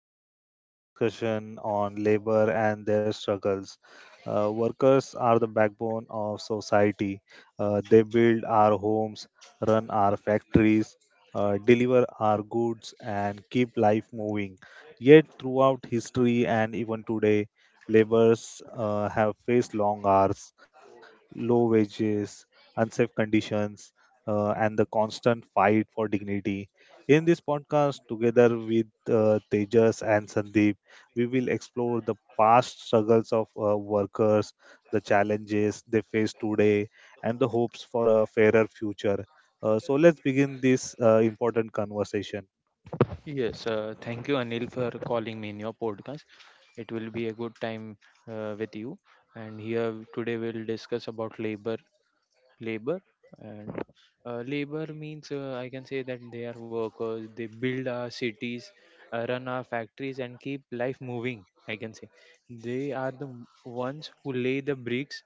welcome to our discussion on labor and their struggles. Workers are the backbone of society. They build our homes, run our factories, deliver our goods, and keep life moving. Yet, throughout history and even today, laborers have faced long hours, low wages, unsafe conditions, and the constant fight for dignity in this podcast, together with Tejas and Sandeep, we will explore the past struggles of workers, the challenges they face today, and the hopes for a fairer future. So, let's begin this important conversation. Yes, thank you, Anil, for calling me in your podcast. It will be a good time with you. And here today we'll discuss about labor. Labor and labor means I can say that they are workers. They build our cities, run our factories, and keep life moving. I can say they are the ones who lay the bricks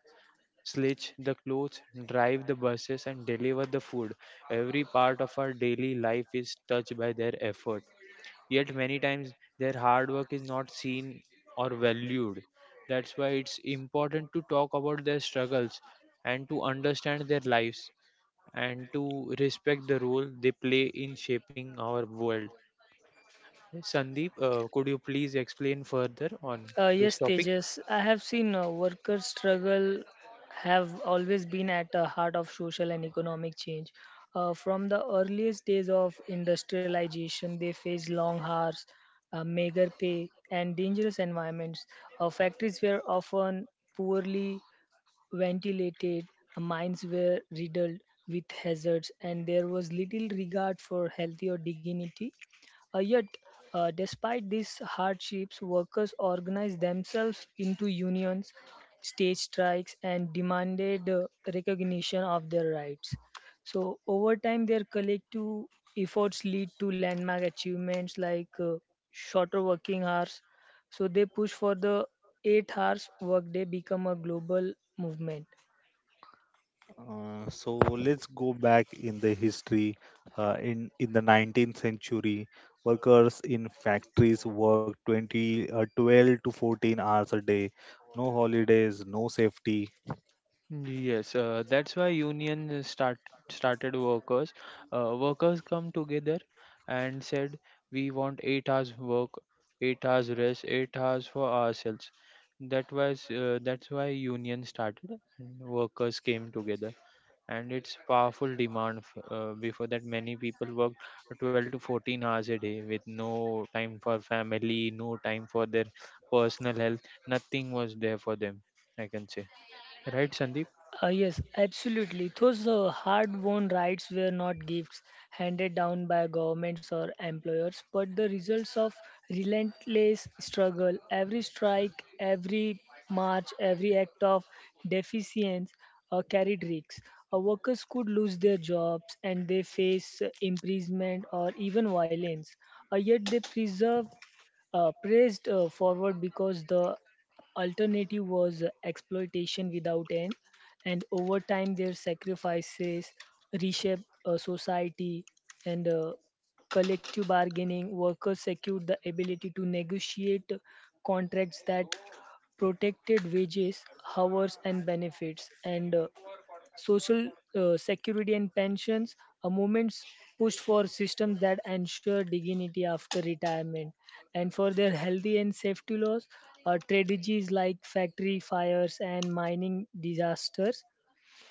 sledge the clothes, drive the buses, and deliver the food. Every part of our daily life is touched by their effort. Yet, many times, their hard work is not seen or valued. That's why it's important to talk about their struggles and to understand their lives and to respect the role they play in shaping our world. Sandeep, could you please explain further on Uh, this yes, topic? Tejas, I have seen workers' struggle have always been at the heart of social and economic change. From the earliest days of industrialization, they faced long hours, meager pay, and dangerous environments. Factories were often poorly ventilated, mines were riddled with hazards, and there was little regard for health or dignity. Uh, yet, Despite these hardships, workers organized themselves into unions, staged strikes, and demanded recognition of their rights. So, over time, their collective efforts lead to landmark achievements like shorter working hours, so they push for the 8 hours workday become a global movement. So, let's go back in the history. In the 19th century, workers in factories worked 12 to 14 hours a day. No holidays, no safety. Yes, that's why union started workers. Workers come together and said, "We want 8 hours work, 8 hours rest, 8 hours for ourselves." That's why union started and workers came together, and it's powerful demand. Before that, many people worked 12 to 14 hours a day with no time for family, no time for their personal health. Nothing was there for them. I can say, right, Sandeep? Yes, absolutely. Those hard-won rights were not gifts handed down by governments or employers, but the results of relentless struggle. Every strike, every march, every act of defiance carried risks. Workers could lose their jobs and they face imprisonment or even violence. Yet they preserve pressed forward because the alternative was exploitation without end. And over time, their sacrifices reshape society and collective bargaining. Workers secured the ability to negotiate contracts that protected wages, hours, and benefits. And social security and pensions a movements pushed for systems that ensure dignity after retirement and for their healthy and safety laws strategies like factory fires and mining disasters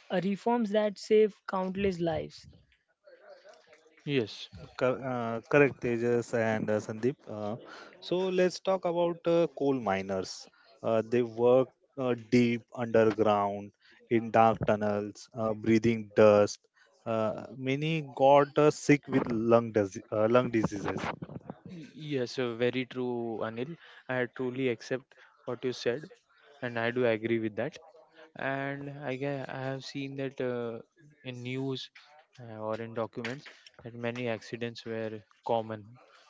reforms that save countless lives. Yes, Correct, Tejas and Sandeep. So let's talk about coal miners. They work deep underground in dark tunnels, breathing dust. Many got sick with lung diseases. yes, very true, Anil. I truly accept what you said, and I do agree with that. And I have seen that in news or in documents that many accidents were common.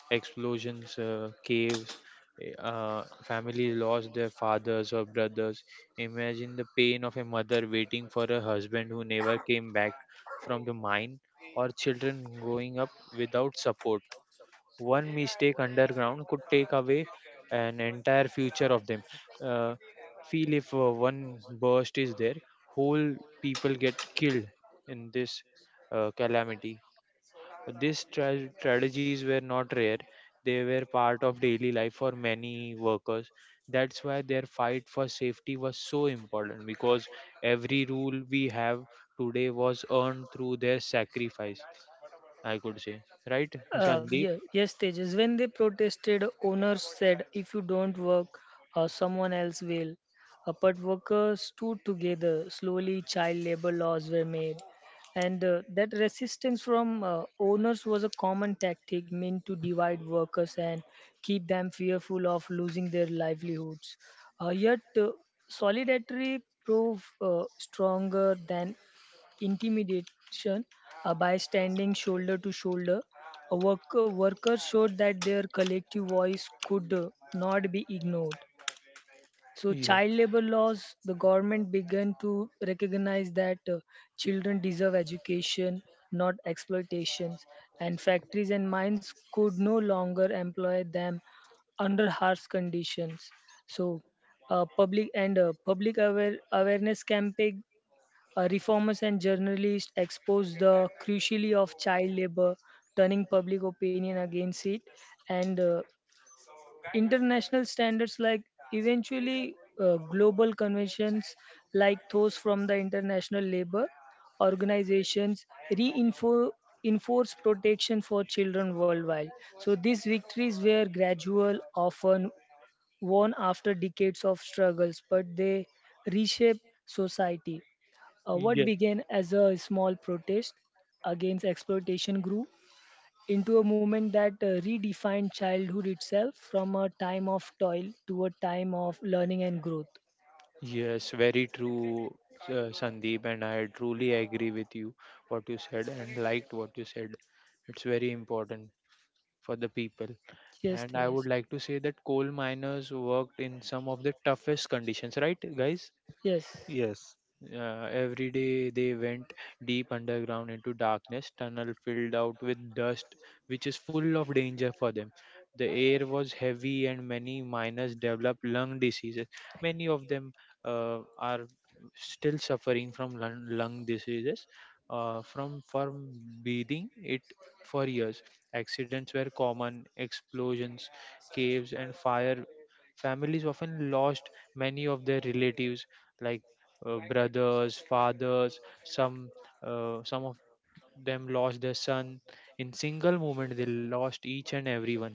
Explosions, caves, family lost their fathers or brothers. Imagine the pain of a mother waiting for a husband who never came back from the mine, or children growing up without support. One mistake underground could take away an entire future of them. Uh, feel if one burst is there, whole people get killed in this calamity. These tragedies were not rare; they were part of daily life for many workers. That's why their fight for safety was so important because every rule we have today was earned through their sacrifice. I could say, right, Sandeep? Yeah, yes, Tejas. When they protested, owners said, if you don't work, someone else will. But workers stood together. Slowly, child labor laws were made. And that resistance from owners was a common tactic meant to divide workers and keep them fearful of losing their livelihoods. Uh, yet, uh, Solidarity proved stronger than intimidation by standing shoulder to shoulder. Workers showed that their collective voice could not be ignored. So, Yes, child labor laws, the government began to recognize that children deserve education, not exploitations, and factories and mines could no longer employ them under harsh conditions. So, public and public awareness campaign reformers and journalists exposed the cruelty of child labor, turning public opinion against it, and international standards like eventually global conventions like those from the International Labor Organizations reinforce enforce protection for children worldwide. So these victories were gradual, often won after decades of struggles, but they reshape society. What yes, began as a small protest against exploitation grew into a movement that redefined childhood itself from a time of toil to a time of learning and growth. yes, very true, Sandeep, and I truly agree with you what you said and liked what you said. It's very important for the people. Yes, And I yes, would like to say that coal miners worked in some of the toughest conditions, right, guys? yes. Yes, Every day they went deep underground into darkness, tunnel filled out with dust, which is full of danger for them. The air was heavy, and many miners developed lung diseases. Many of them are still suffering from lung diseases from breathing it for years. Accidents were common, explosions, caves, and fire. Families often lost many of their relatives like brothers, fathers. Some of them lost their son. In single moment, they lost each and everyone.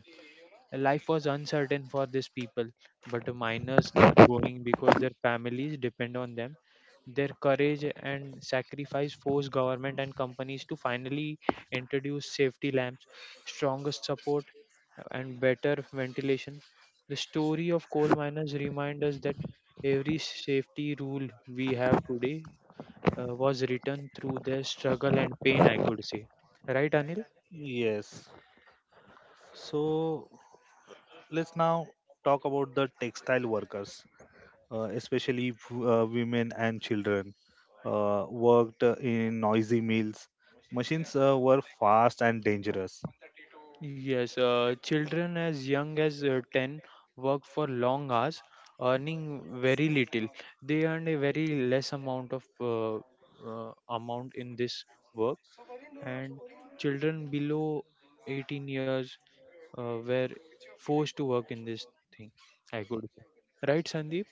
Life was uncertain for these people, but the miners kept going because their families depend on them. Their courage and sacrifice forced government and companies to finally introduce safety lamps, stronger support, and better ventilation. The story of coal miners reminds us that every safety rule we have today was written through their struggle and pain, I could say. Right, Anil? yes. So let's now talk about the textile workers. Especially women and children worked in noisy mills. Machines were fast and dangerous. Yes, children as young as 10 work for long hours, earning very little. They earn a very less amount of uh, amount in this work, and children below 18 years were forced to work in this thing. I could say. Right, Sandeep?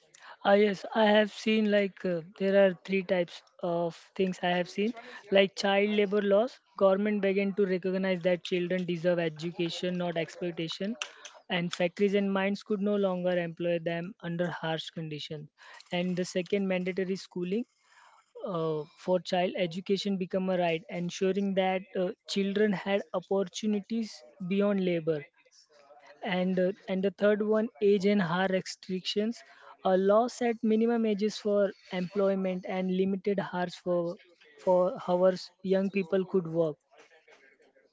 Ah, yes, I have seen like there are three types of things I have seen, like child labor laws. Government began to recognize that children deserve education, not exploitation, and factories and mines could no longer employ them under harsh conditions. And the second, mandatory schooling for child education become a right, ensuring that children had opportunities beyond labor, and and the third one, age and hour restrictions, a law set minimum ages for employment and limited hours for hours young people could work.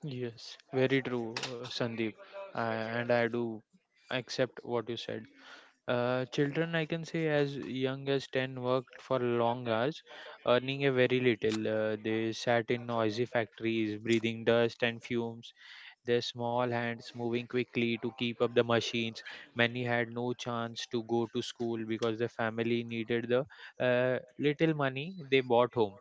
Yes, very true, Sandeep. I, and I do accept what you said. Children, I can say, as young as 10, worked for long hours, earning a very little. They sat in noisy factories, breathing dust and fumes, their small hands moving quickly to keep up the machines. Many had no chance to go to school because the family needed the little money they brought home.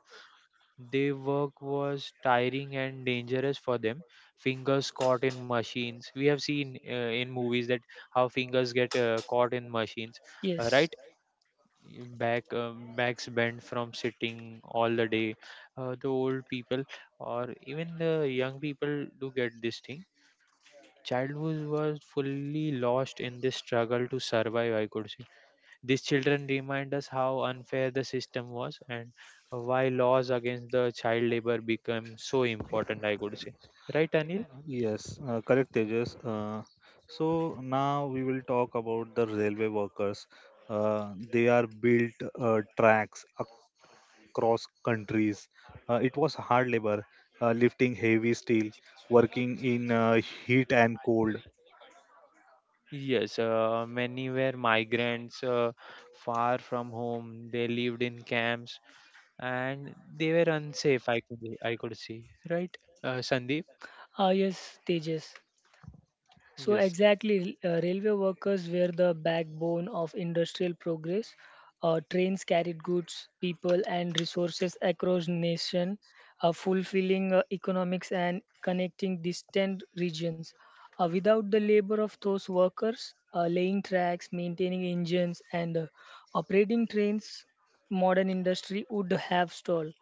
Their work was tiring and dangerous for them. Fingers caught in machines. We have seen in movies that how fingers get caught in machines, Yes, right? Backs bent from sitting all the day. The old people or even the young people do get this thing. Childhood was fully lost in this struggle to survive. I could say these children remind us how unfair the system was and why laws against the child labor become so important, I would say. Right, Anil? Yes, correct, Tejas. So now we will talk about the railway workers. They are built tracks across countries. It was hard labor, lifting heavy steel, working in heat and cold. Yes, many were migrants far from home. They lived in camps and they were unsafe, I could see. Right, Sandeep? ah, yes, Tejas. So Yes. exactly, railway workers were the backbone of industrial progress. Trains carried goods, people, and resources across nation, fulfilling economics and connecting distant regions. Without the labor of those workers, laying tracks, maintaining engines, and operating trains, modern industry would have stalled.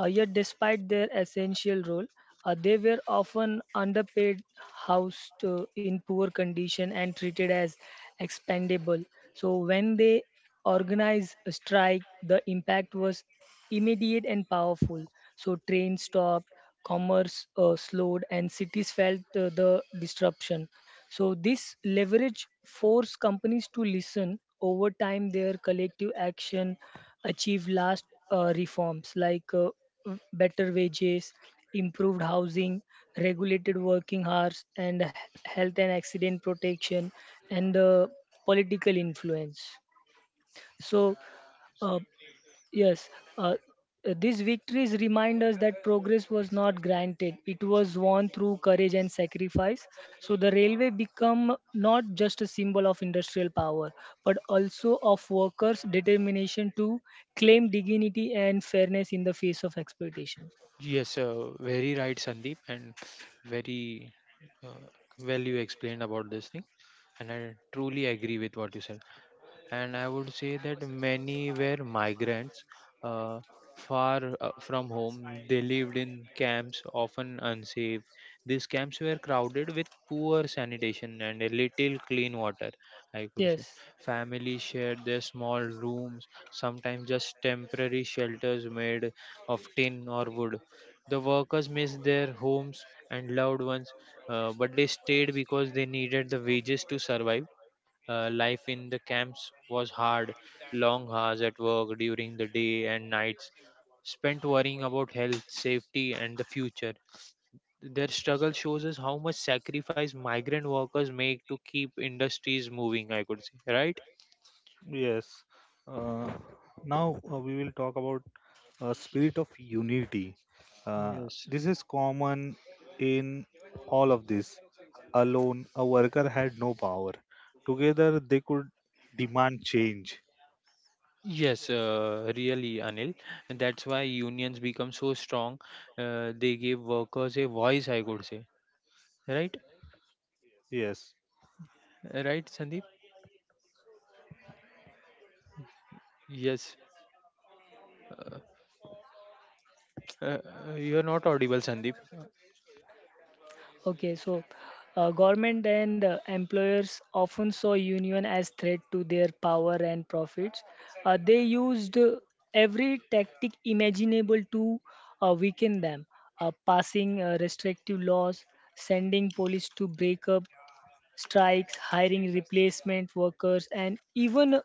Yet, despite their essential role, they were often underpaid, housed in poor condition, and treated as expendable. So, when they organized a strike, the impact was immediate and powerful. So, trains stopped, commerce slowed, and cities felt the disruption. So, this leverage forced companies to listen. Over time, their collective action Achieve last reforms like better wages, improved housing, regulated working hours, and health and accident protection, and political influence. So, uh, Yes, uh, these victories remind us that progress was not granted. It was won through courage and sacrifice. So the railway become not just a symbol of industrial power, but also of workers' determination to claim dignity and fairness in the face of exploitation. Yes, very right, Sandeep, and very uh, well you explained about this thing, and I truly agree with what you said. And I would say that many were migrants uh, far from home. They lived in camps, often unsafe. These camps were crowded with poor sanitation and a little clean water, I could say. Yes. Families shared their small rooms, sometimes just temporary shelters made of tin or wood. The workers missed their homes and loved ones, but they stayed because they needed the wages to survive. Life in the camps was hard, long hours at work during the day and nights spent worrying about health, safety, and the future. Their struggle shows us how much sacrifice migrant workers make to keep industries moving, I could say, right? Yes. Uh, now we will talk about spirit of unity. Yes. This is common in all of this. Alone, a worker had no power. Together, they could demand change. Yes, really, Anil. And that's why unions become so strong. They give workers a voice, I could say, right? Yes. Right, Sandeep? Yes. Uh, you're not audible, Sandeep. Okay, so government and employers often saw union as threat to their power and profits. They used every tactic imaginable to weaken them, passing restrictive laws, sending police to break up strikes, hiring replacement workers, and even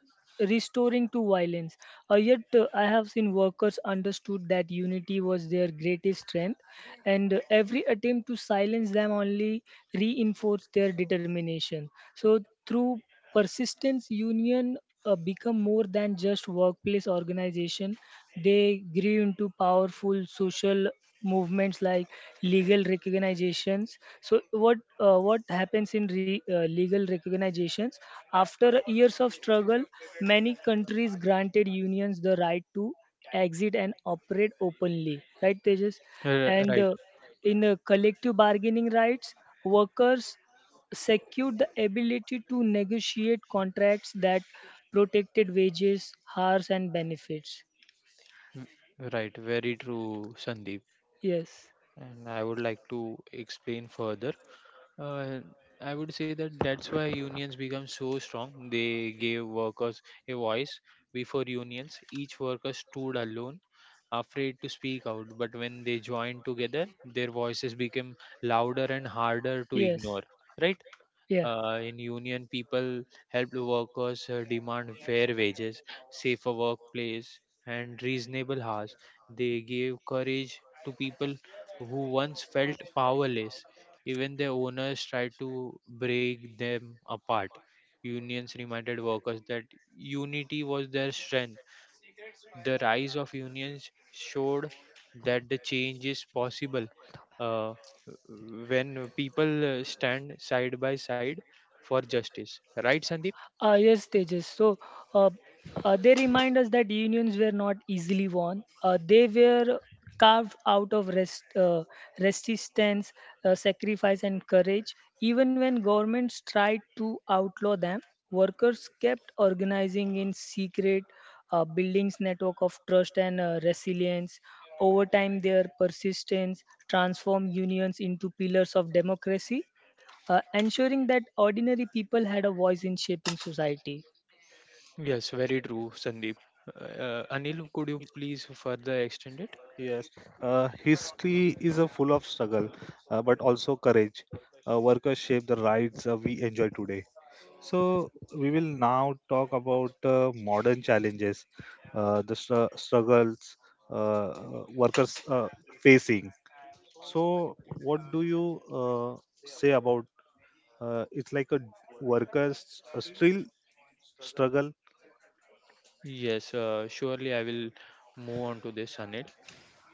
restoring to violence. I have seen workers understood that unity was their greatest strength, and every attempt to silence them only reinforced their determination. So, through persistence, union become more than just workplace organization. They grew into powerful social movements like legal recognizations. So what happens in legal recognizations? After years of struggle, many countries granted unions the right to exit and operate openly. Right, Tejas, and Right. in collective bargaining rights, workers secured the ability to negotiate contracts that protected wages, hours, and benefits. Mm. Right, very true, Sandeep. Yes, And I would like to explain further. Uh, I would say that that's why unions become so strong. They gave workers a voice. Before unions, each worker stood alone, afraid to speak out. But when they joined together, their voices became louder and harder to yes, ignore. Right? yeah. In union, people helped workers demand fair wages, safer workplace, and reasonable hours. They gave courage to people who once felt powerless. Even their owners tried to break them apart. Unions reminded workers that unity was their strength. The rise of unions showed that the change is possible uh, when people stand side by side for justice. Right, Sandeep? Yes, Tejas. So uh, they remind us that unions were not easily won. They were carved out of resistance, sacrifice, and courage. Even when governments tried to outlaw them, workers kept organizing in secret, buildings network of trust and resilience. Over time, their persistence transformed unions into pillars of democracy, ensuring that ordinary people had a voice in shaping society. Yes, very true, Sandeep. Anil, could you please further extend Yes. it? History is a full of struggle, but also courage. Workers shape the rights we enjoy today. So we will now talk about modern challenges, the struggles workers facing. So what do you say about it's like a workers still struggle? Yes, surely I will move on to this, Anil.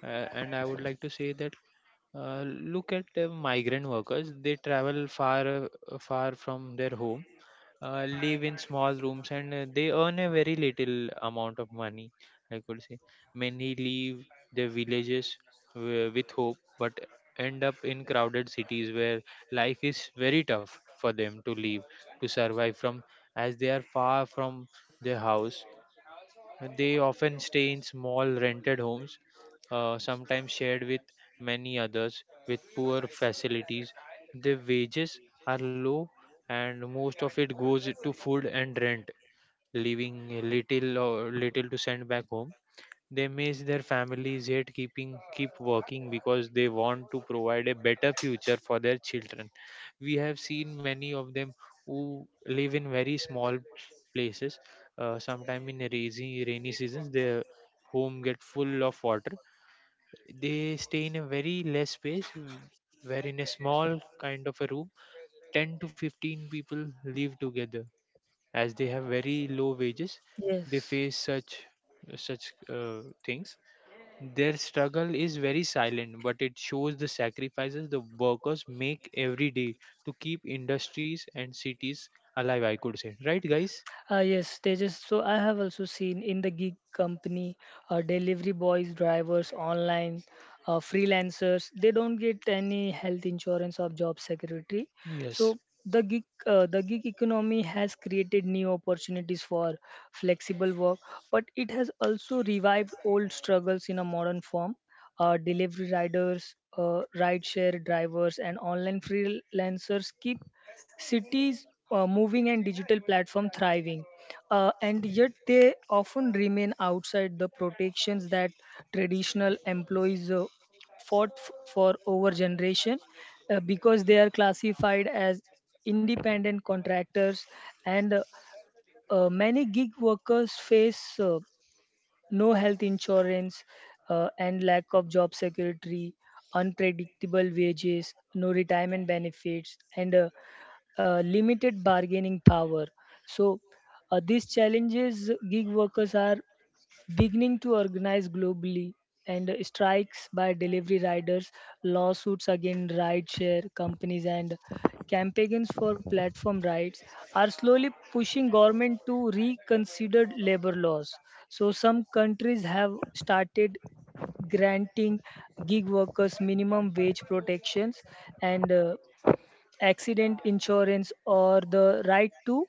And I would like to say that look at the migrant workers. They travel far from their home, live in small rooms, and they earn a very little amount of money. I could say many leave their villages uh, with hope, but end up in crowded cities where life is very tough for them to live to survive from, as they are far from their house. They often stay in small rented homes, sometimes shared with many others with poor facilities. Their wages are low, and most of it goes to food and rent, leaving little to send back home. They miss their families yet keep working because they want to provide a better future for their children. We have seen many of them who live in very small places. Sometime in rainy seasons, their home get full of water. They stay in a very less space, where in a small kind of a room, 10 to 15 people live together. As they have very low wages, they Yes. face such things. Their struggle is very silent, but it shows the sacrifices the workers make every day to keep industries and cities alive, I could say. Right, guys? Yes, Tejas. So I have also seen in the gig company, delivery boys, drivers, online, freelancers. They don't get any health insurance or job security. Yes, So the gig economy has created new opportunities for flexible work, but it has also revived old struggles in a modern form. Delivery riders, rideshare drivers, and online freelancers keep cities moving and digital platform thriving, and yet they often remain outside the protections that traditional employees fought for over generation because they are classified as independent contractors, and many gig workers face no health insurance, and lack of job security, unpredictable wages, no retirement benefits, and limited bargaining power. So, these challenges gig workers are beginning to organize globally, and strikes by delivery riders, lawsuits against rideshare companies, and campaigns for platform rights are slowly pushing government to reconsider labor laws. So some countries have started granting gig workers minimum wage protections and accident insurance or the right to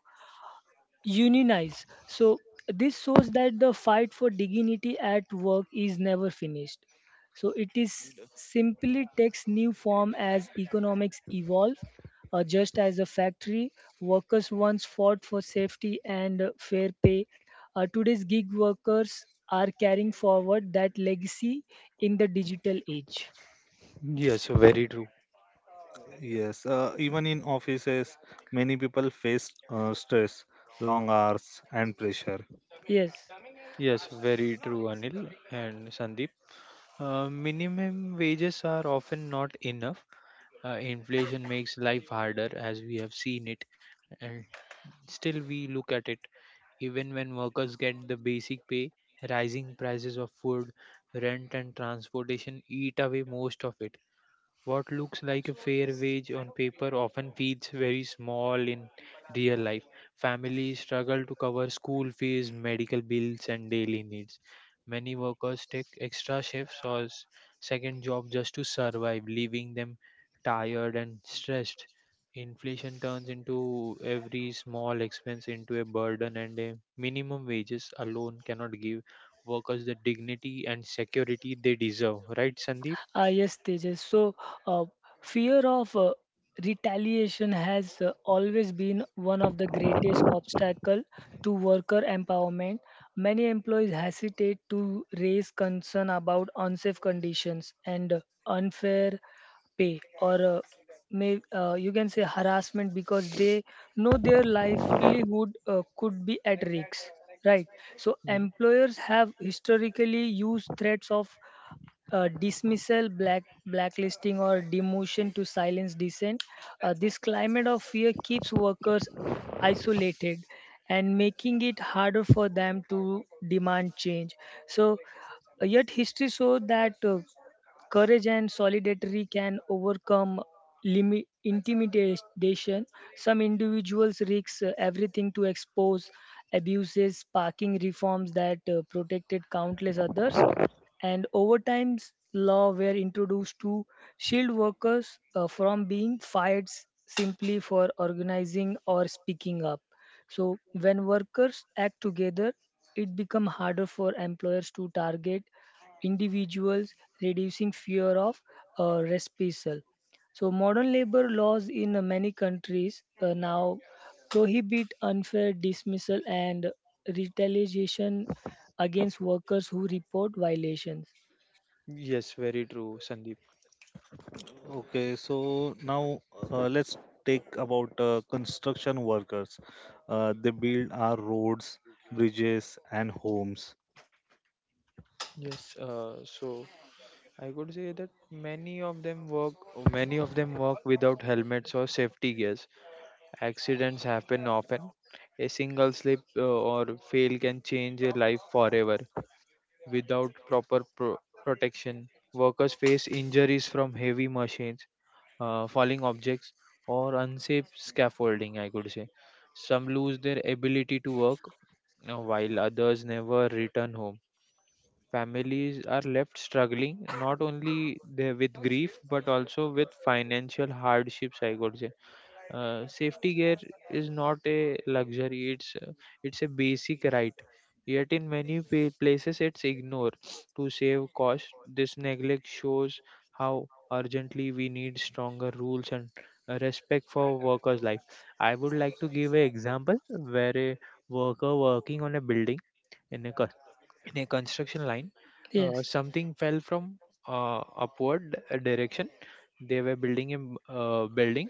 unionize. So this shows that the fight for dignity at work is never finished. So it is simply takes new form as economics evolve. Just as a factory, workers once fought for safety and fair pay. Today's gig workers are carrying forward that legacy in the digital age. yes, very true. Yes, even in offices, many people face stress, long hours, and pressure. Yes. Yes, very true, Anil and Sandeep. Minimum wages are often not enough. Inflation makes life harder, as we have seen it. And still, we look at it. Even when workers get the basic pay, rising prices of food, rent, and transportation eat away most of it. What looks like a fair wage on paper often feels very small in real life. Families struggle to cover school fees, medical bills, and daily needs. Many workers take extra shifts or second job just to survive, leaving them tired and stressed. Inflation turns into every small expense into a burden, and a minimum wages alone cannot give workers the dignity and security they deserve. Right, Sandeep? Tejas. So, uh, fear of retaliation has always been one of the greatest obstacle to worker empowerment. Many employees hesitate to raise concern about unsafe conditions and unfair pay or may you can say harassment because they know their livelihood could be at risk, right? So employers have historically used threats of dismissal, blacklisting, or demotion to silence dissent. This climate of fear keeps workers isolated and making it harder for them to demand change. So, yet history shows that courage and solidarity can overcome limit intimidation. Some individuals risk everything to expose abuses, sparking reforms that protected countless others, and over time law were introduced to shield workers from being fired simply for organizing or speaking up. So when workers act together it become harder for employers to target individuals, reducing fear of reprisal. So modern labor laws in many countries now prohibit unfair dismissal and retaliation against workers who report violations. Yes, very true, Sandeep. Okay, so now let's take about construction workers. They build our roads, bridges, and homes. Yes, so I could say that many of them work without helmets or safety gears. Accidents happen often. A single slip or fail can change a life forever. Without protection, workers face injuries from heavy machines, falling objects, or unsafe scaffolding. I could say some lose their ability to work, while others never return home. Families are left struggling not only there with grief but also with financial hardships I could say Safety gear is not a luxury, it's a basic right, yet in many places it's ignored to save cost. This neglect shows how urgently we need stronger rules and respect for workers life. I would like to give an example where a worker working on a building in a in a construction line, Yes. something fell from uh, upward direction. They were building a building.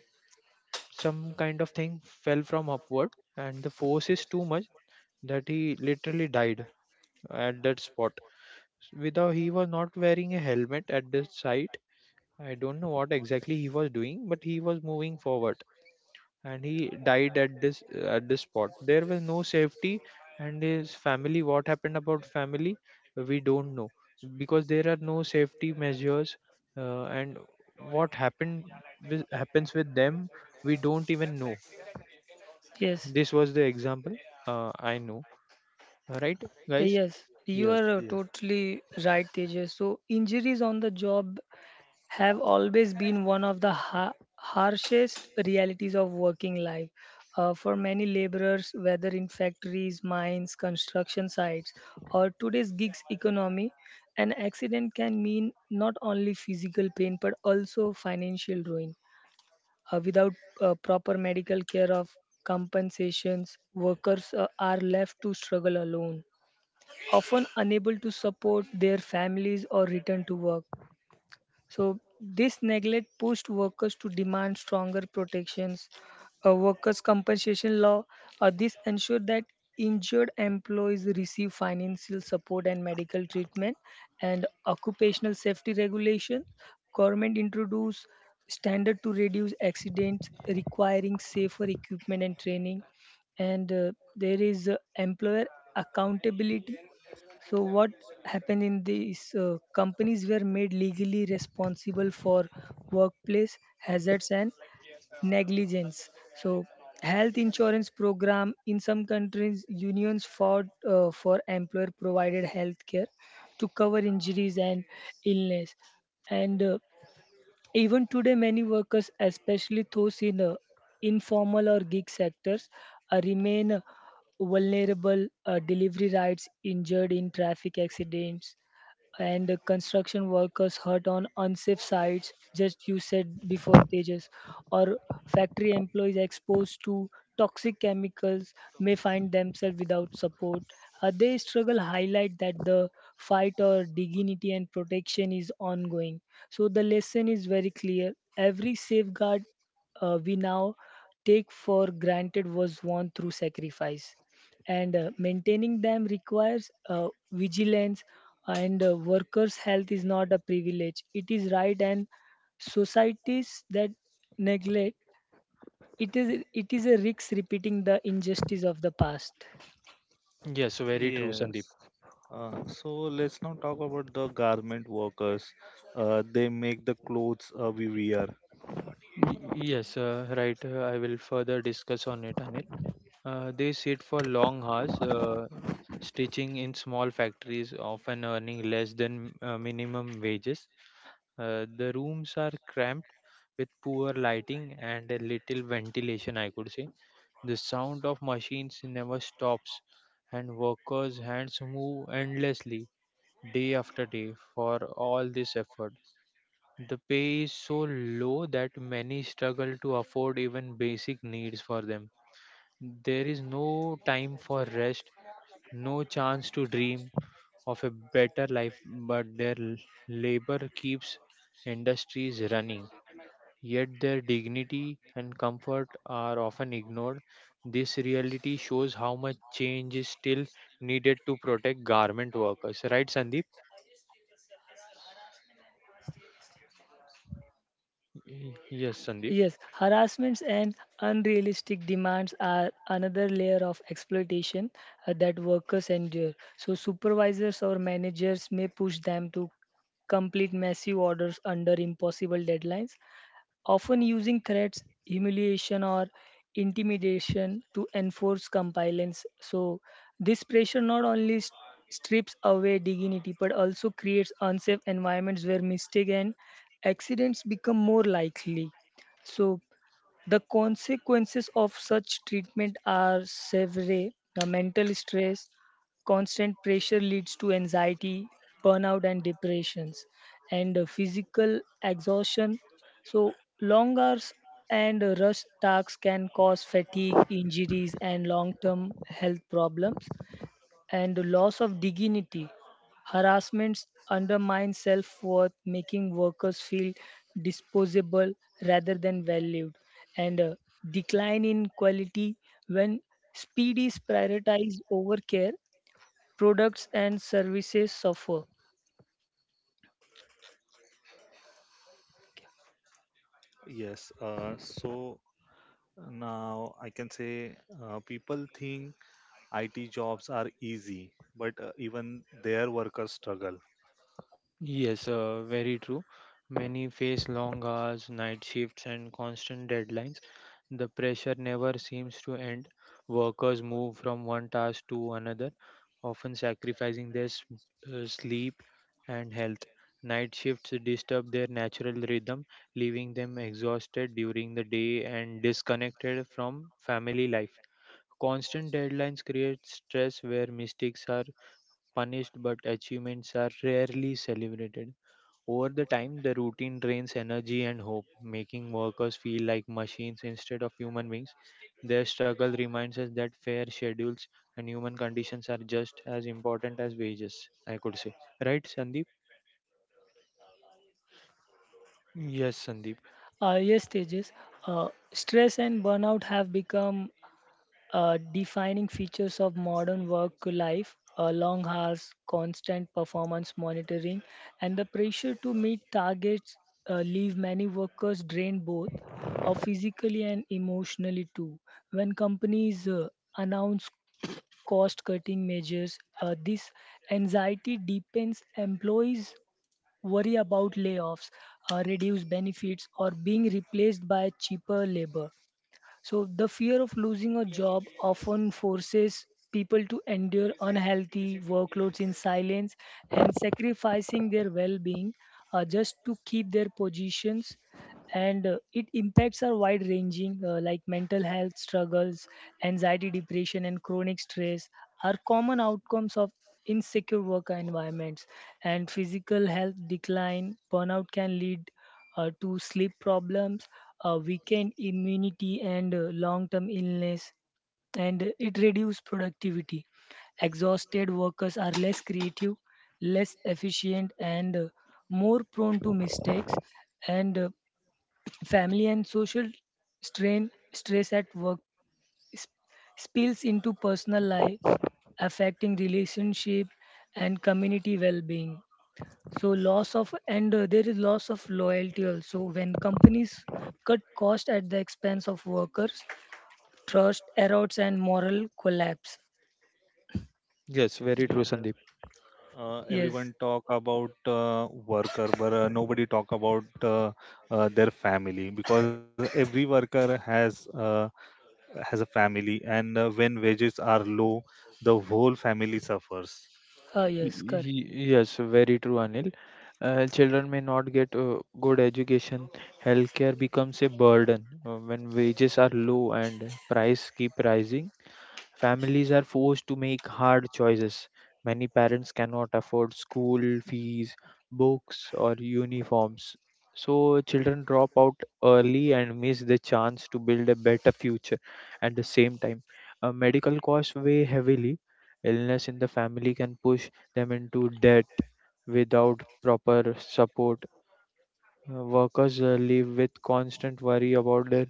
Some kind of thing fell from upward, and the force is too much that he literally died at that spot. Without he was not wearing a helmet at the site. I don't know what exactly he was doing, but he was moving forward and he died at this spot. There was no safety, and his family, what happened about family, we don't know, because there are no safety measures. And what happened with, happens with them, we don't even know. Yes. This was the example. I know, right, Yeah, guys? Yes, you Yes, are yes. totally right, Tejas. So, injuries on the job have always been one of the harshest realities of working life. For many laborers, whether in factories, mines, construction sites, or today's gigs economy, an accident can mean not only physical pain but also financial ruin. Without proper medical care of compensations, workers are left to struggle alone, often unable to support their families or return to work. So, this neglect pushed workers to demand stronger protections. A workers' compensation law, this ensured that injured employees receive financial support and medical treatment, and occupational safety regulation. Government introduced standard to reduce accidents, requiring safer equipment and training, and there is employer accountability. So what happened in these companies were made legally responsible for workplace hazards and negligence. So health insurance program in some countries unions fought for employer provided health care to cover injuries and illness, and even today, many workers, especially those in informal or gig sectors, remain vulnerable. Delivery rides, injured in traffic accidents, and the construction workers hurt on unsafe sites, just you said before, Tejas, or factory employees exposed to toxic chemicals may find themselves without support. They struggle highlight that the fight or dignity and protection is ongoing. So the lesson is very clear. Every safeguard we now take for granted was won through sacrifice and maintaining them requires vigilance and workers health is not a privilege, it is right, and societies that neglect it is a risk repeating the injustice of the past. Yes, very true, Yes. Sandeep. So let's now talk about the garment workers. They make the clothes we wear. Yes, right, I will further discuss on it, Anil. They sit for long hours, stitching in small factories, often earning less than minimum wages. The rooms are cramped with poor lighting and a little ventilation, I could say. The sound of machines never stops, and workers' hands move endlessly day after day for all this effort. The pay is so low that many struggle to afford even basic needs for them. There is no time for rest, no chance to dream of a better life, but their labor keeps industries running. Yet their dignity and comfort are often ignored. This reality shows how much change is still needed to protect garment workers. Right, Sandeep? Yes, Sandeep. Yes, harassments and unrealistic demands are another layer of exploitation that workers endure. So supervisors or managers may push them to complete massive orders under impossible deadlines, often using threats, humiliation, or intimidation to enforce compliance. So, this pressure not only strips away dignity but also creates unsafe environments where mistakes and accidents become more likely. So, the consequences of such treatment are severe. The mental stress, constant pressure leads to anxiety, burnout, and depressions, and physical exhaustion. So, long hours and rush tasks can cause fatigue, injuries, and long term health problems and the loss of dignity. Harassments undermine self worth, making workers feel disposable rather than valued, and a decline in quality when speed is prioritized over care, products and services suffer. Yes. So now I can say people think IT jobs are easy, but even their workers struggle. Yes, very true. Many face long hours, night shifts, and constant deadlines. The pressure never seems to end. Workers move from one task to another, often sacrificing their sleep and health. Night shifts disturb their natural rhythm, leaving them exhausted during the day and disconnected from family life. Constant deadlines create stress where mistakes are punished, but achievements are rarely celebrated. Over the time, the routine drains energy and hope, making workers feel like machines instead of human beings. Their struggle reminds us that fair schedules and human conditions are just as important as wages, I could say. Right, Sandeep? Yes, Sandeep. Yes, Tejas, stress and burnout have become defining features of modern work life. Long hours, constant performance monitoring, and the pressure to meet targets leave many workers drained both physically and emotionally too. When companies announce cost cutting measures, this anxiety deepens employees. Worry about layoffs, reduced benefits, or being replaced by cheaper labor. So, the fear of losing a job often forces people to endure unhealthy workloads in silence and sacrificing their well being just to keep their positions. And it impacts are wide ranging, like mental health struggles, anxiety, depression, and chronic stress are common outcomes of insecure work environments. And physical health decline, burnout can lead to sleep problems, weakened immunity, and long-term illness, and it reduces productivity. Exhausted workers are less creative, less efficient, and more prone to mistakes. And family and social strain, stress at work sp- spills into personal life, affecting relationship and community well-being. So loss of and there is loss of loyalty also when companies cut cost at the expense of workers, trust erodes and moral collapse. Yes, very true, Sandeep. Yes, Everyone talk about worker but nobody talk about their family, because every worker has a family, and when wages are low the whole family suffers. ah yes, correct. Yes, very true, Anil. Children may not get good education. Healthcare becomes a burden when wages are low and price keep rising. Families are forced to make hard choices. Many parents cannot afford school fees, books, or uniforms. So, children drop out early and miss the chance to build a better future. At the same time, medical costs weigh heavily. Illness in the family can push them into debt without proper support. Workers live with constant worry about their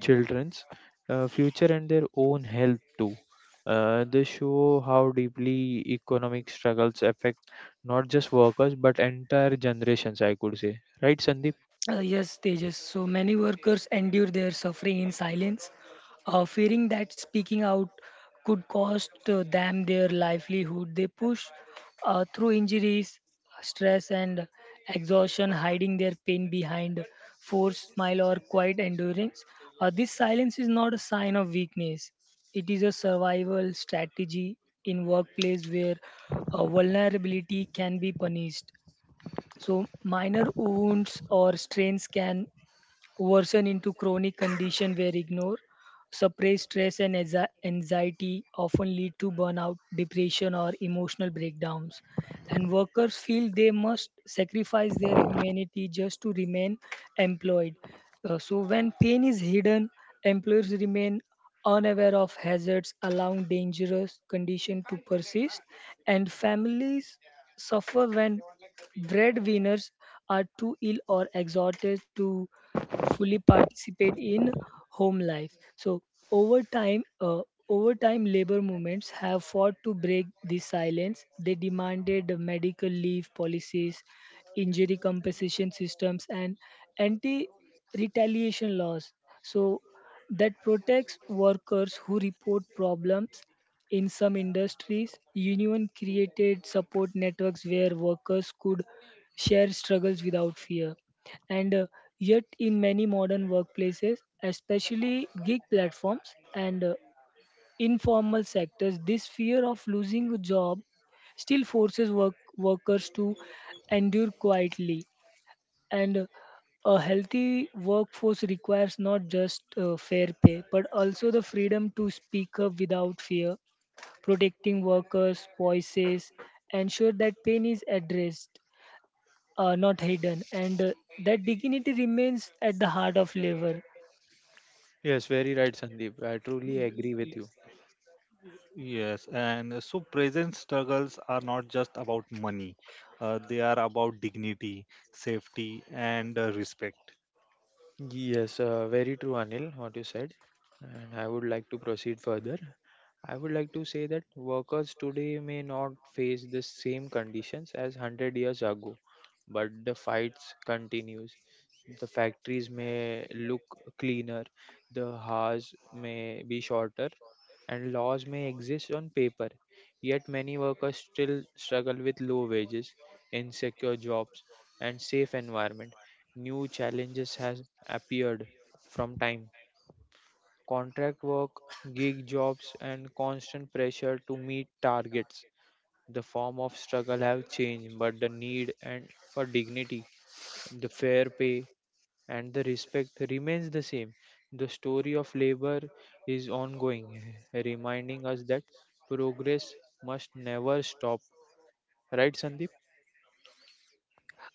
children's future and their own health too. They show how deeply economic struggles affect not just workers but entire generations, I could say. Right, Sandeep? Yes, Tejas. So many workers endure their suffering in silence, fearing that speaking out could cost them their livelihood. They push through injuries, stress, and exhaustion, hiding their pain behind forced smile or quiet endurance. This silence is not a sign of weakness, it is a survival strategy in workplace where vulnerability can be punished. So minor wounds or strains can worsen into chronic condition where ignore, suppressed stress and anxiety often lead to burnout, depression or emotional breakdowns. And workers feel they must sacrifice their humanity just to remain employed. So when pain is hidden, employers remain unaware of hazards, allowing dangerous condition to persist, and families suffer when breadwinners are too ill or exhausted to fully participate in home life. So over time, uh, over time, labor movements have fought to break this silence. They demanded medical leave policies, injury compensation systems, and anti-retaliation laws. So that protects workers who report problems. In some industries, union created support networks where workers could share struggles without fear. And yet, in many modern workplaces, especially gig platforms and informal sectors, this fear of losing a job still forces workers to endure quietly. And a healthy workforce requires not just fair pay, but also the freedom to speak up without fear, protecting workers' voices, ensure that pain is addressed not hidden, and that dignity remains at the heart of labor. Yes, very right, Sandeep. I truly agree with you. Yes, and so present struggles are not just about money, they are about dignity, safety, and respect. Yes, very true, Anil, what you said. And I would like to proceed further. I would like to say that workers today may not face the same conditions as 100 years ago, but the fights continues. The factories may look cleaner, the hours may be shorter, and laws may exist on paper. Yet many workers still struggle with low wages, insecure jobs, and safe environment. New challenges has appeared from time, contract work, gig jobs, and constant pressure to meet targets. The form of struggle have changed, but the need and for dignity, the fair pay, and the respect remains the same. The story of labor is ongoing, reminding us that progress must never stop. Right, Sandeep?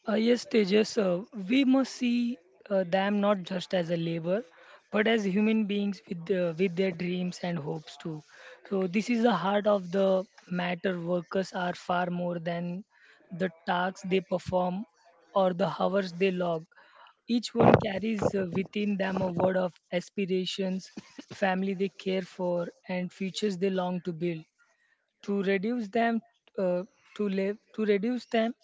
Yes, Tejas, we must see them not just as a labor, but as human beings with with their dreams and hopes too. So this is the heart of the matter. Workers are far more than the tasks they perform or the hours they log. Each one carries within them a word of aspirations, family they care for, and futures they long to build. To reduce them uh, to live to reduce them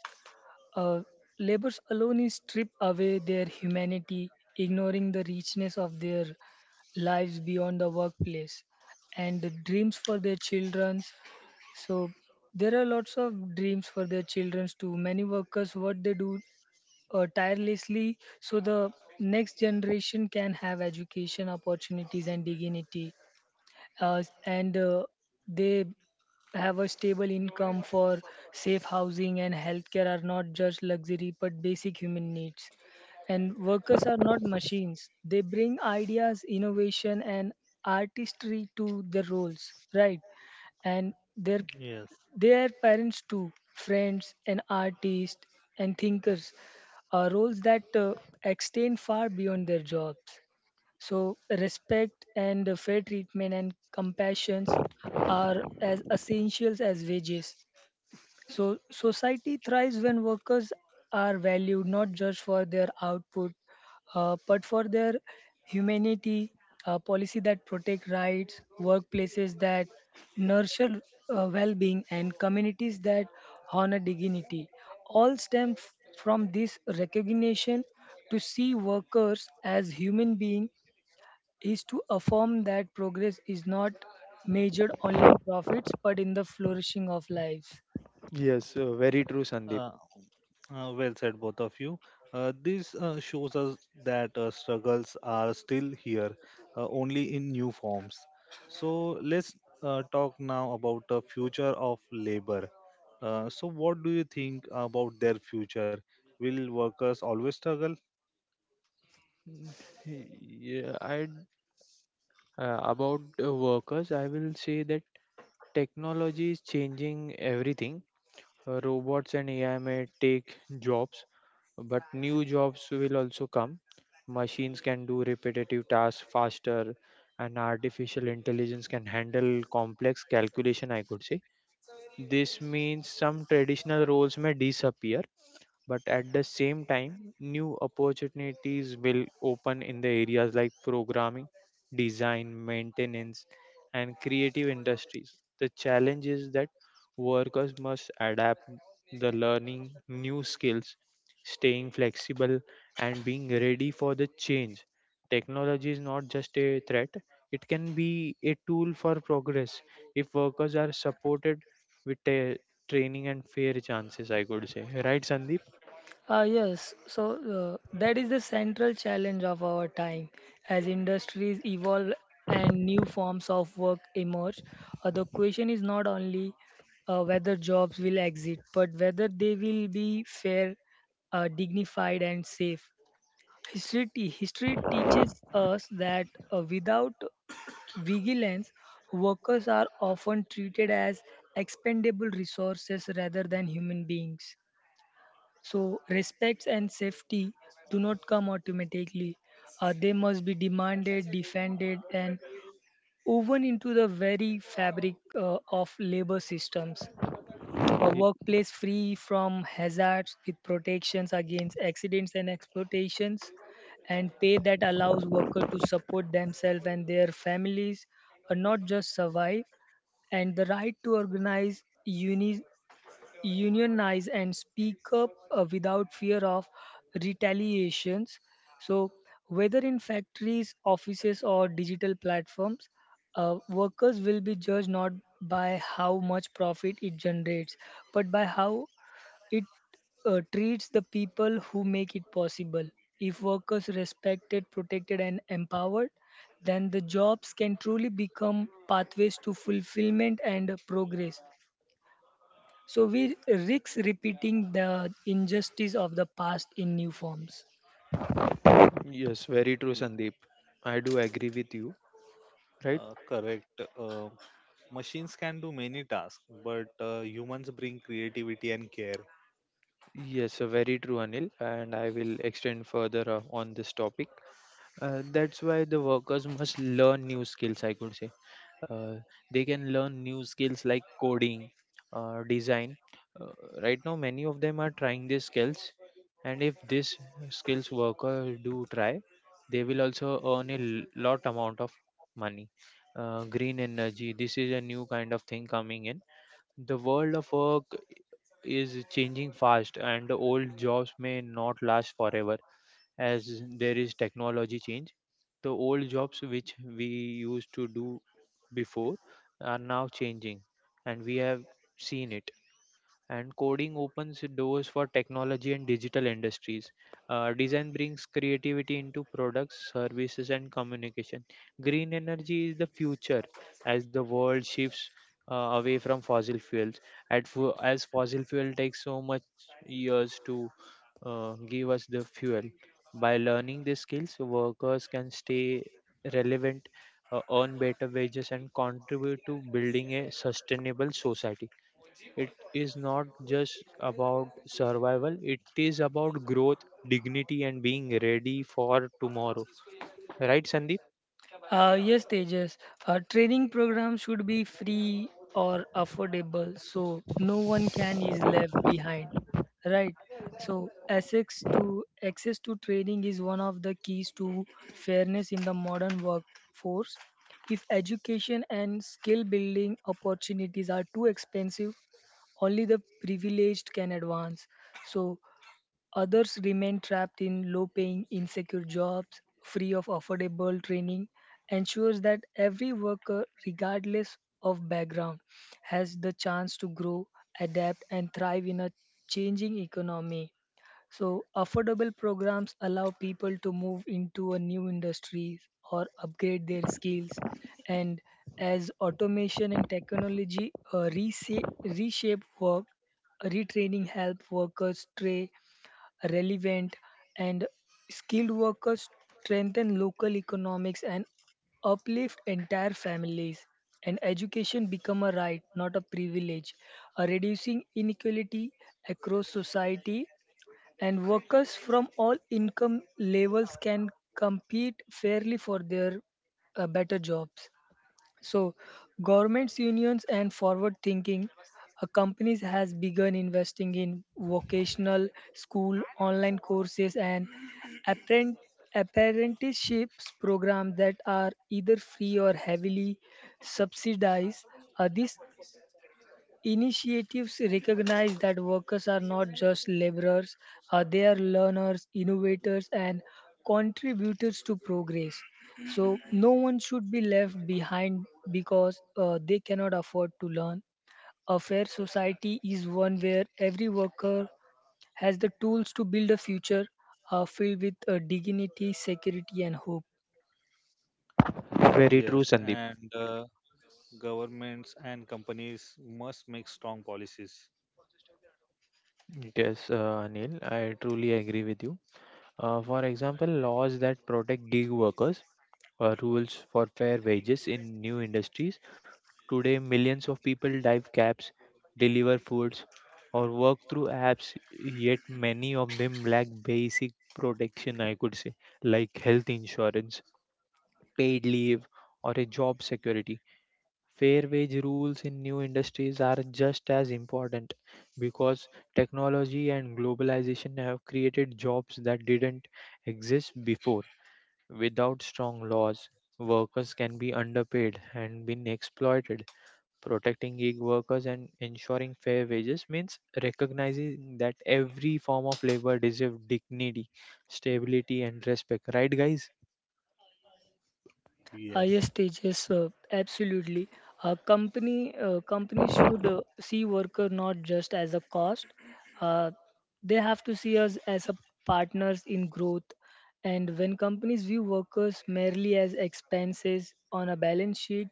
uh, labors alone is strip away their humanity, ignoring the richness of their lives beyond the workplace and the dreams for their children's. So there are lots of dreams for their children's. Too many workers what they do tirelessly so the next generation can have education opportunities and dignity, and they have a stable income for safe housing, and healthcare are not just luxury but basic human needs. And workers are not machines, they bring ideas, innovation, and artistry to their roles, right? And Yes. their parents, too, friends, and artists and thinkers are roles that extend far beyond their jobs. So respect and fair treatment and compassions are as essentials as wages. So society thrives when workers are valued not just for their output but for their humanity, policy that protect rights, workplaces that nurture well-being, and communities that honor dignity. All stem from this recognition. To see workers as human beings is to affirm that progress is not measured only in profits but in the flourishing of lives. Yes, very true, Sandeep. Uh, well said, both of you. This shows us that struggles are still here, only in new forms. So let's talk now about the future of labor. So, what do you think about their future? Will workers always struggle? Mm, Yeah, I about workers, I will say that technology is changing everything. Robots and AI may take jobs, but new jobs will also come. Machines can do repetitive tasks faster, and artificial intelligence can handle complex calculation, I could say. This means some traditional roles may disappear, but at the same time new opportunities will open in the areas like programming, design, maintenance, and creative industries. The challenge is that workers must adapt, the learning new skills, staying flexible, and being ready for the change. Technology is not just a threat, it can be a tool for progress if workers are supported with a training and fair chances, I could say. Right, Sandeep? Ah, yes, so that is the central challenge of our time. As industries evolve and new forms of work emerge, the question is not only whether jobs will exist but whether they will be fair, dignified, and safe. History teaches us that without vigilance, workers are often treated as expendable resources rather than human beings. So, respects and safety do not come automatically. They must be demanded, defended, and woven into the very fabric of labor systems. A Y- workplace free from hazards with protections against accidents and exploitations, and pay that allows workers to support themselves and their families, and not just survive, and the right to unionize and speak up without fear of retaliations. So, whether in factories, offices, or digital platforms, workers will be judged not by how much profit it generates, but by how it treats the people who make it possible. If workers respected, protected, and empowered, then the jobs can truly become pathways to fulfillment and progress. So we risk repeating the injustice of the past in new forms. Yes, very true, Mm. Sandeep. I do agree with you, right? Correct. Uh, Machines can do many tasks, but humans bring creativity and care. Yes, very true, Anil. And I will extend further on this topic. That's why the workers must learn new skills, I could say. uh, they can learn new skills like coding, design. uh, right now many of them are trying these skills, and if these skills worker do try, they will also earn a lot amount of money. Green energy, this is a new kind of thing coming in. The world of work is changing fast and the old jobs may not last forever as there is technology change. The old jobs which we used to do before are now changing, and we have seen it. And coding opens doors for technology and digital industries. Design brings creativity into products, services, and communication. Green energy is the future as the world shifts away from fossil fuels. At as fossil fuel takes so much years to give us the fuel. By learning these skills, workers can stay relevant, earn better wages, and contribute to building a sustainable society. It is not just about survival, it is about growth, dignity, and being ready for tomorrow. Right, Sandeep? Yes, Tejas. A training program should be free or affordable so no one can is left behind. Right. So access to training is one of the keys to fairness in the modern workforce. If education and skill building opportunities are too expensive, only the privileged can advance. So others remain trapped in low paying, insecure jobs, free of affordable training, ensures that every worker, regardless of background, has the chance to grow, adapt, and thrive in a changing economy. So, affordable programs allow people to move into a new industry or upgrade their skills. And as automation and technology reshape work, retraining help workers stay relevant, and skilled workers strengthen local economics and uplift entire families, and education become a right not a privilege, reducing inequality across society, and workers from all income levels can compete fairly for their better jobs. So governments, unions, and forward thinking companies has begun investing in vocational school, online courses, and apprent- apprenticeships programs that are either free or heavily subsidized. This initiatives recognize that workers are not just laborers, they are learners, innovators, and contributors to progress. So, no one should be left behind because they cannot afford to learn. A fair society is one where every worker has the tools to build a future filled with dignity, security, and hope. Very Yes, true, Sandeep. and governments and companies must make strong policies. Yes, Anil, I truly agree with you. For example, laws that protect gig workers, rules for fair wages in new industries. Today, millions of people drive cabs, deliver foods, or work through apps, yet many of them lack basic protection, I could say, like health insurance, paid leave, or a job security. Fair wage rules in new industries are just as important because technology and globalization have created jobs that didn't exist before. Without strong laws, workers can be underpaid and been exploited. Protecting gig workers and ensuring fair wages means recognizing that every form of labor deserves dignity, stability, and respect. Right, guys? Uh, Yes. yes, Tejas, absolutely. A company should see worker not just as a cost. Uh, they have to see us as a partners in growth. And when companies view workers merely as expenses on a balance sheet,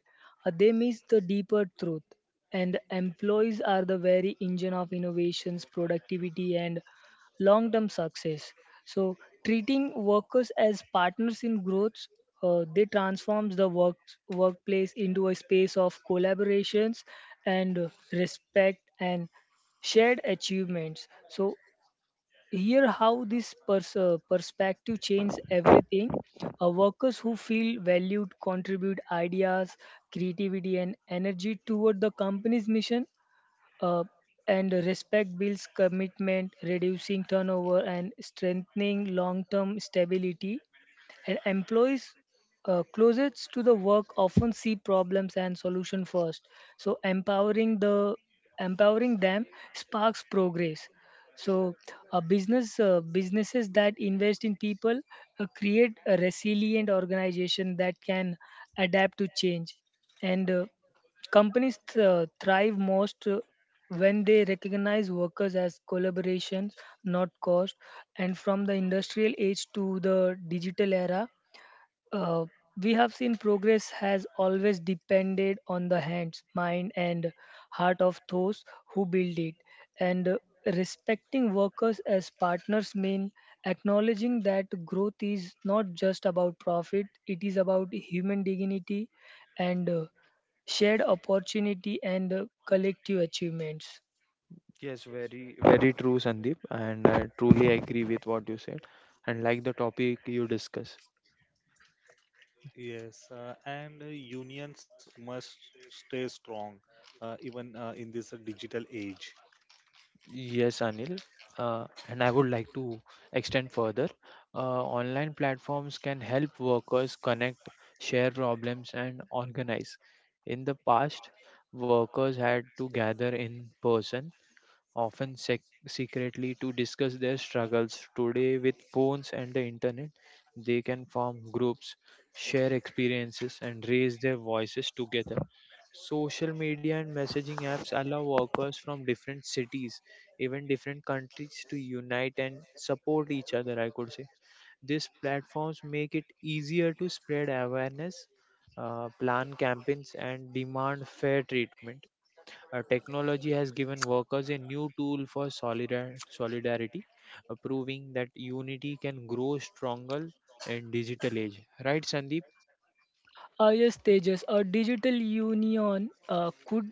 they miss the deeper truth. And employees are the very engine of innovations, productivity, and long term success. So, treating workers as partners in growth, they transforms the workplace into a space of collaborations and respect and shared achievements. So, here how this perspective changes everything. Workers who feel valued contribute ideas, creativity, and energy toward the company's mission, uh, and respect builds commitment, reducing turnover and strengthening long-term stability. And employees closest to the work often see problems and solution first. So empowering them sparks progress. So Businesses that invest in people create a resilient organization that can adapt to change and companies thrive most when they recognize workers as collaborations, not cost. And from the industrial age to the digital era, uh, we have seen progress has always depended on the hands, mind, and heart of those who build it. And Respecting workers as partners means acknowledging that growth is not just about profit, it is about human dignity and shared opportunity and collective achievements. Yes, very, very true, Sandeep, and I truly agree with what you said, and like the topic you discuss. Yes, and unions must stay strong, even in this digital age. Yes, Anil, and I would like to extend further. Online platforms can help workers connect, share problems, and organize. In the past, workers had to gather in person often secretly, to discuss their struggles. Today, with phones and the internet, they can form groups, share experiences, and raise their voices together. Social media and messaging apps allow workers from different cities, even different countries, to unite and support each other, I could say. These platforms make it easier to spread awareness, plan campaigns, and demand fair treatment. Technology has given workers a new tool for solidarity, proving that unity can grow stronger in digital age. Right, Sandeep? Yes, Tejas, a digital union could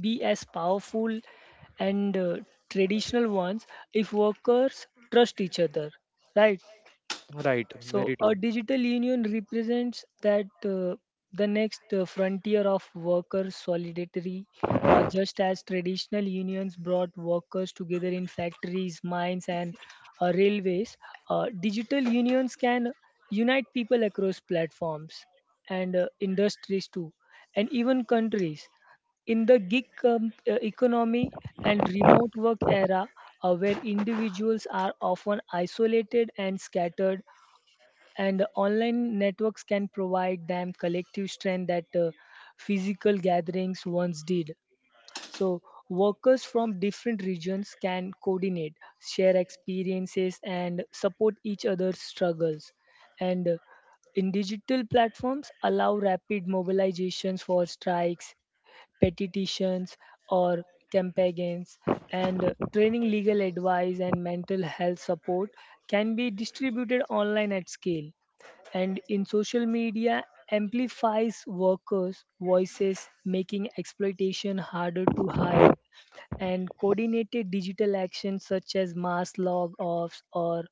be as powerful and traditional ones if workers trust each other, right? Right, So very a true. digital union represents that the next frontier of worker solidarity, just as traditional unions brought workers together in factories, mines, and railways. Digital unions can unite people across platforms and industries too, and even countries in the gig economy and remote work era, where individuals are often isolated and scattered, and online networks can provide them collective strength that physical gatherings once did. So workers from different regions can coordinate, share experiences, and support each other's struggles, and in digital platforms allow rapid mobilizations for strikes, petitions, or campaigns, and training, legal advice, and mental health support can be distributed online at scale, and in social media amplifies workers voices, making exploitation harder to hide, and coordinated digital actions such as mass log offs or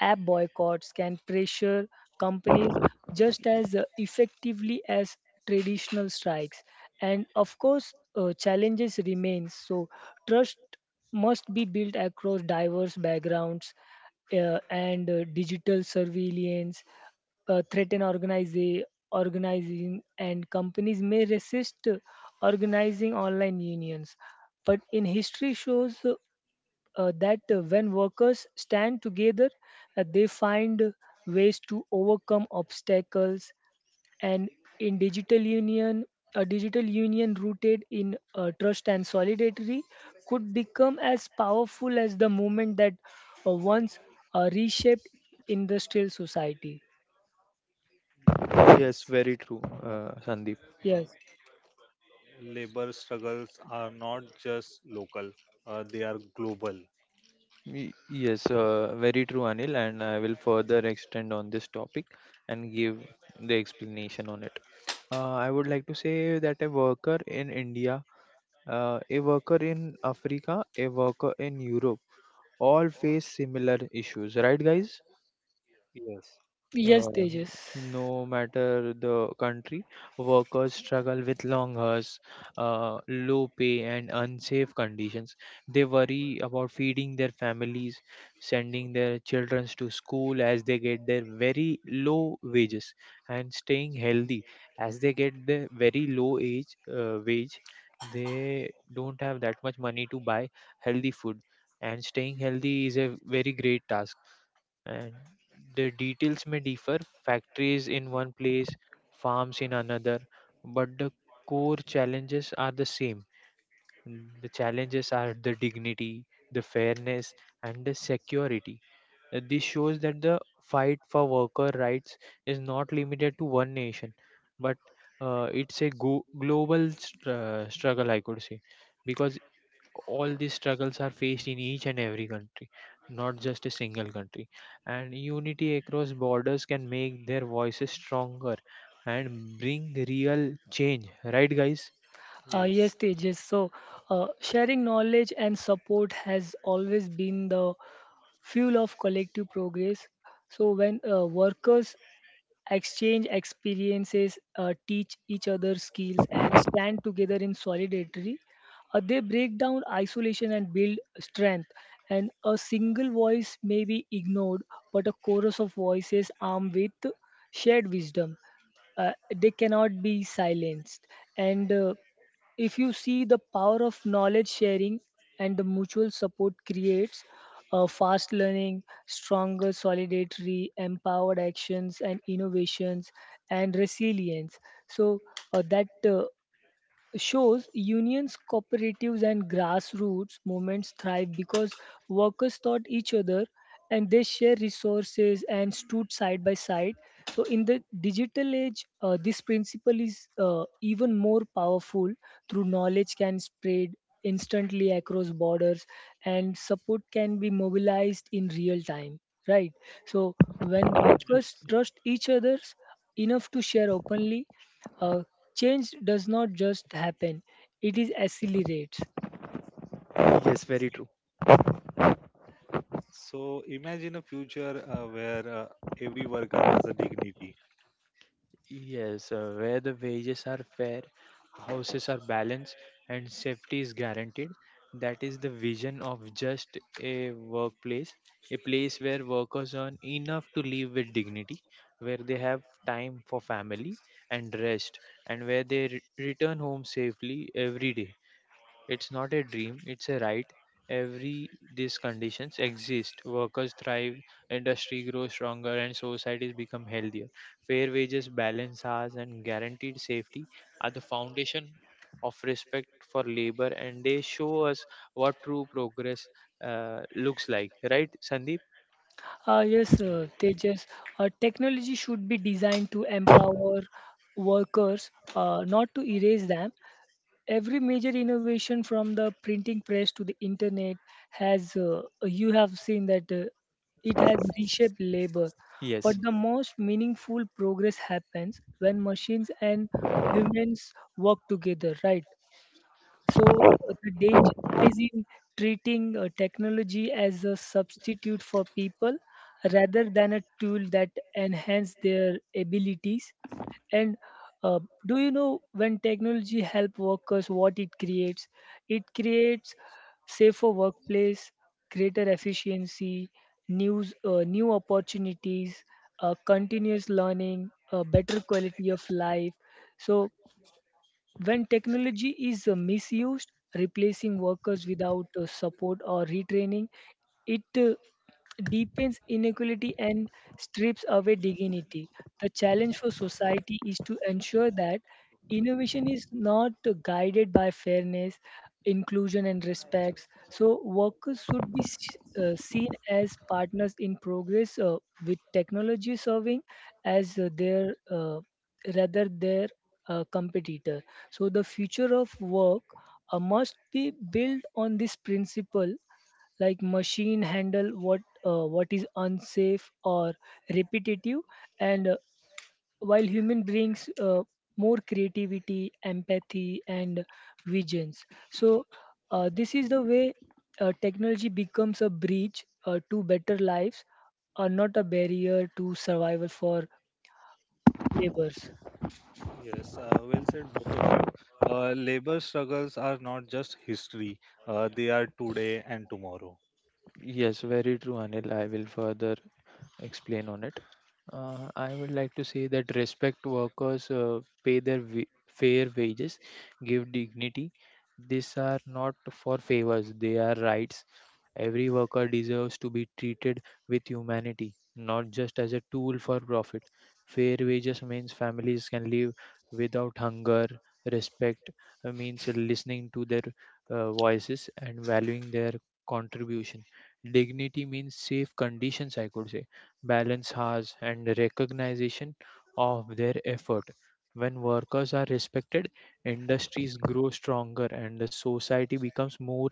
app boycotts can pressure companies just as effectively as traditional strikes. And of course, challenges remain. So trust must be built across diverse backgrounds, and digital surveillance threaten organizing, and companies may resist organizing online unions. But in history shows, that when workers stand together, they find ways to overcome obstacles. And in digital union, A digital union rooted in trust and solidarity could become as powerful as the movement that once reshaped industrial society. Yes, Yes, very true, uh, Sandeep. uh, Yes. labor struggles are not just local, they are global. Y- Yes, very true, Anil, and I will further extend on this topic and give the explanation on it. I would like to say that a worker in India, a worker in Africa, a worker in Europe all face similar issues, right, guys? Yes, Yes, Uh, Tejas. no matter the country, workers struggle with long hours, low pay, and unsafe conditions. They worry about feeding their families, sending their children to school as they get their very low wages, and staying healthy as they get the very low age wage. They don't have that much money to buy healthy food, and staying healthy is a very great task. And the details may differ, factories in one place, farms in another, but the core challenges are the same. The challenges are the dignity, the fairness, and the security. This shows that the fight for worker rights is not limited to one nation, but it's a global struggle, I could say, because all these struggles are faced in each and every country, not just a single country. And unity across borders can make their voices stronger and bring real change. Right, guys? Yes, yes, Tejas. So, sharing knowledge and support has always been the fuel of collective progress. So, when workers exchange experiences, teach each other skills, and stand together in solidarity, they break down isolation and build strength. And a single voice may be ignored, but a chorus of voices armed with shared wisdom, they cannot be silenced. And If you see, the power of knowledge sharing and the mutual support creates fast learning, stronger solidarity, empowered actions and innovations, and resilience. So that Shows unions, cooperatives, and grassroots movements thrive because workers taught each other, and they share resources and stood side by side. So, in the digital age, this principle is even more powerful through knowledge can spread instantly across borders, and support can be mobilized in real time, right? So when yes. workers trust each other enough to share openly, uh, change does not just happen, it is accelerates. Yes, very true. So imagine a future where every worker has a dignity. Yes, where the wages are fair, houses are balanced, and safety is guaranteed. That is the vision of just a workplace, a place where workers earn enough to live with dignity, where they have time for family and rest, and where they return home safely every day. It's not a dream, it's a right. Every these conditions exist. Workers thrive, industry grows stronger, and societies become healthier. Fair wages, balanced hours, and guaranteed safety are the foundation of respect for labor, and they show us what true progress looks like. Right, Sandeep? Yes. Yes, Tejas, technology should be designed to empower workers, not to erase them. Every major innovation from the printing press to the internet has, you have seen that it has reshaped labor. But Yes, the most meaningful progress happens when machines and humans work together, right? So the danger lies in treating technology as a substitute for people rather than a tool that enhance their abilities. And uh, do you know when technology help workers, what it creates? It creates safer workplace, greater efficiency, news, new opportunities, continuous learning, better quality of life. So when technology is misused, replacing workers without support or retraining, it deepens inequality and strips away dignity. The challenge for society is to ensure that innovation is not guided by fairness, inclusion, and respects. So, workers should be seen as partners in progress with technology serving as their competitor. So, the future of work must be built on this principle, like machine handle what is unsafe or repetitive, and while human brings more creativity, empathy, and visions. so this is the way technology becomes a bridge to better lives, are not a barrier to survival for laborers. Yes, well said, both of you. Labor struggles are not just history, they are today and tomorrow. yes, very true, Anil. I will further explain on it. I would like to say that respect workers, pay their fair wages, give dignity. These are not for favors, they are rights. Every worker deserves to be treated with humanity, not just as a tool for profit. Fair wages means families can live without hunger. Respect means listening to their voices and valuing their contribution. Dignity means safe conditions, I could say, balance hours, and recognition of their effort. When workers are respected, industries grow stronger and the society becomes more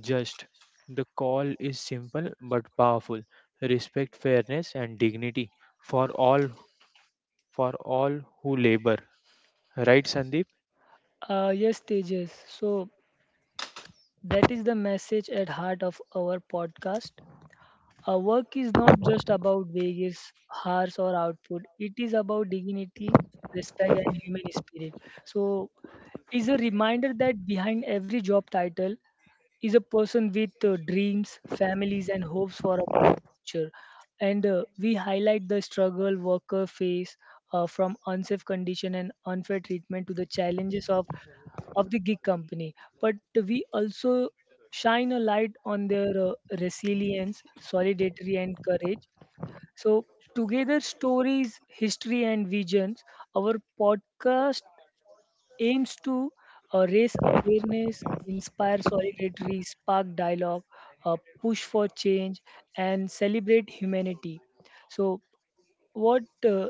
just. The call is simple but powerful. Respect, fairness, and dignity for all, for all who labor. Right, Sandeep? Yes, Tejas. So that is the message at heart of our podcast. Our work is not just about wages, hours, or output. It is about dignity, respect, and human spirit. So, is a reminder that behind every job title is a person with dreams, families, and hopes for a better future. And We highlight the struggle worker face, from unsafe condition and unfair treatment to the challenges of the gig company. But we also shine a light on their resilience, solidarity, and courage. So, together, stories, history, and visions, our podcast aims to raise awareness, inspire solidarity, spark dialogue, uh, push for change, and celebrate humanity. So, what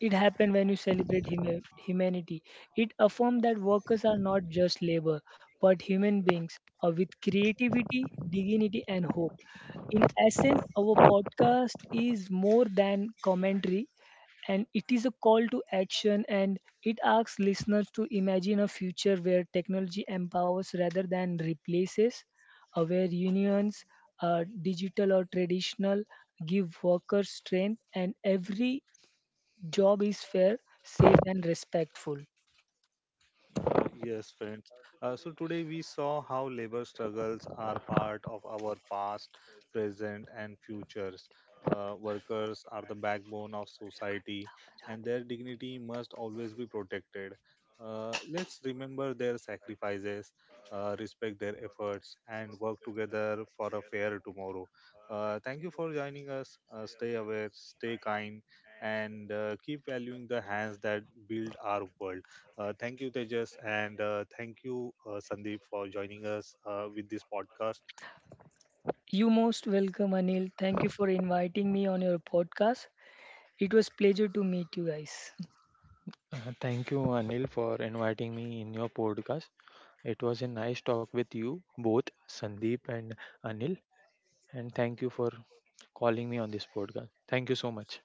it happened when you celebrate humanity. It affirmed that workers are not just labor, but human beings with creativity, dignity, and hope. In essence, our podcast is more than commentary, and it is a call to action, and it asks listeners to imagine a future where technology empowers rather than replaces, where unions, digital or traditional, give workers strength, and every job is fair, safe, and respectful. Yes, friends. So today we saw how labor struggles are part of our past, present, and futures. Workers are the backbone of society, and their dignity must always be protected. Let's remember their sacrifices, respect their efforts, and work together for a fair tomorrow. Thank you for joining us. Stay aware, stay kind, and keep valuing the hands that build our world. Thank you, Tejas, and thank you, Sandeep, for joining us with this podcast. You most welcome, Anil. Thank you for inviting me on your podcast. It was pleasure to meet you guys. Thank you, Anil, for inviting me in your podcast. It was a nice talk with you both, Sandeep and Anil. And thank you for calling me on this podcast. Thank you so much.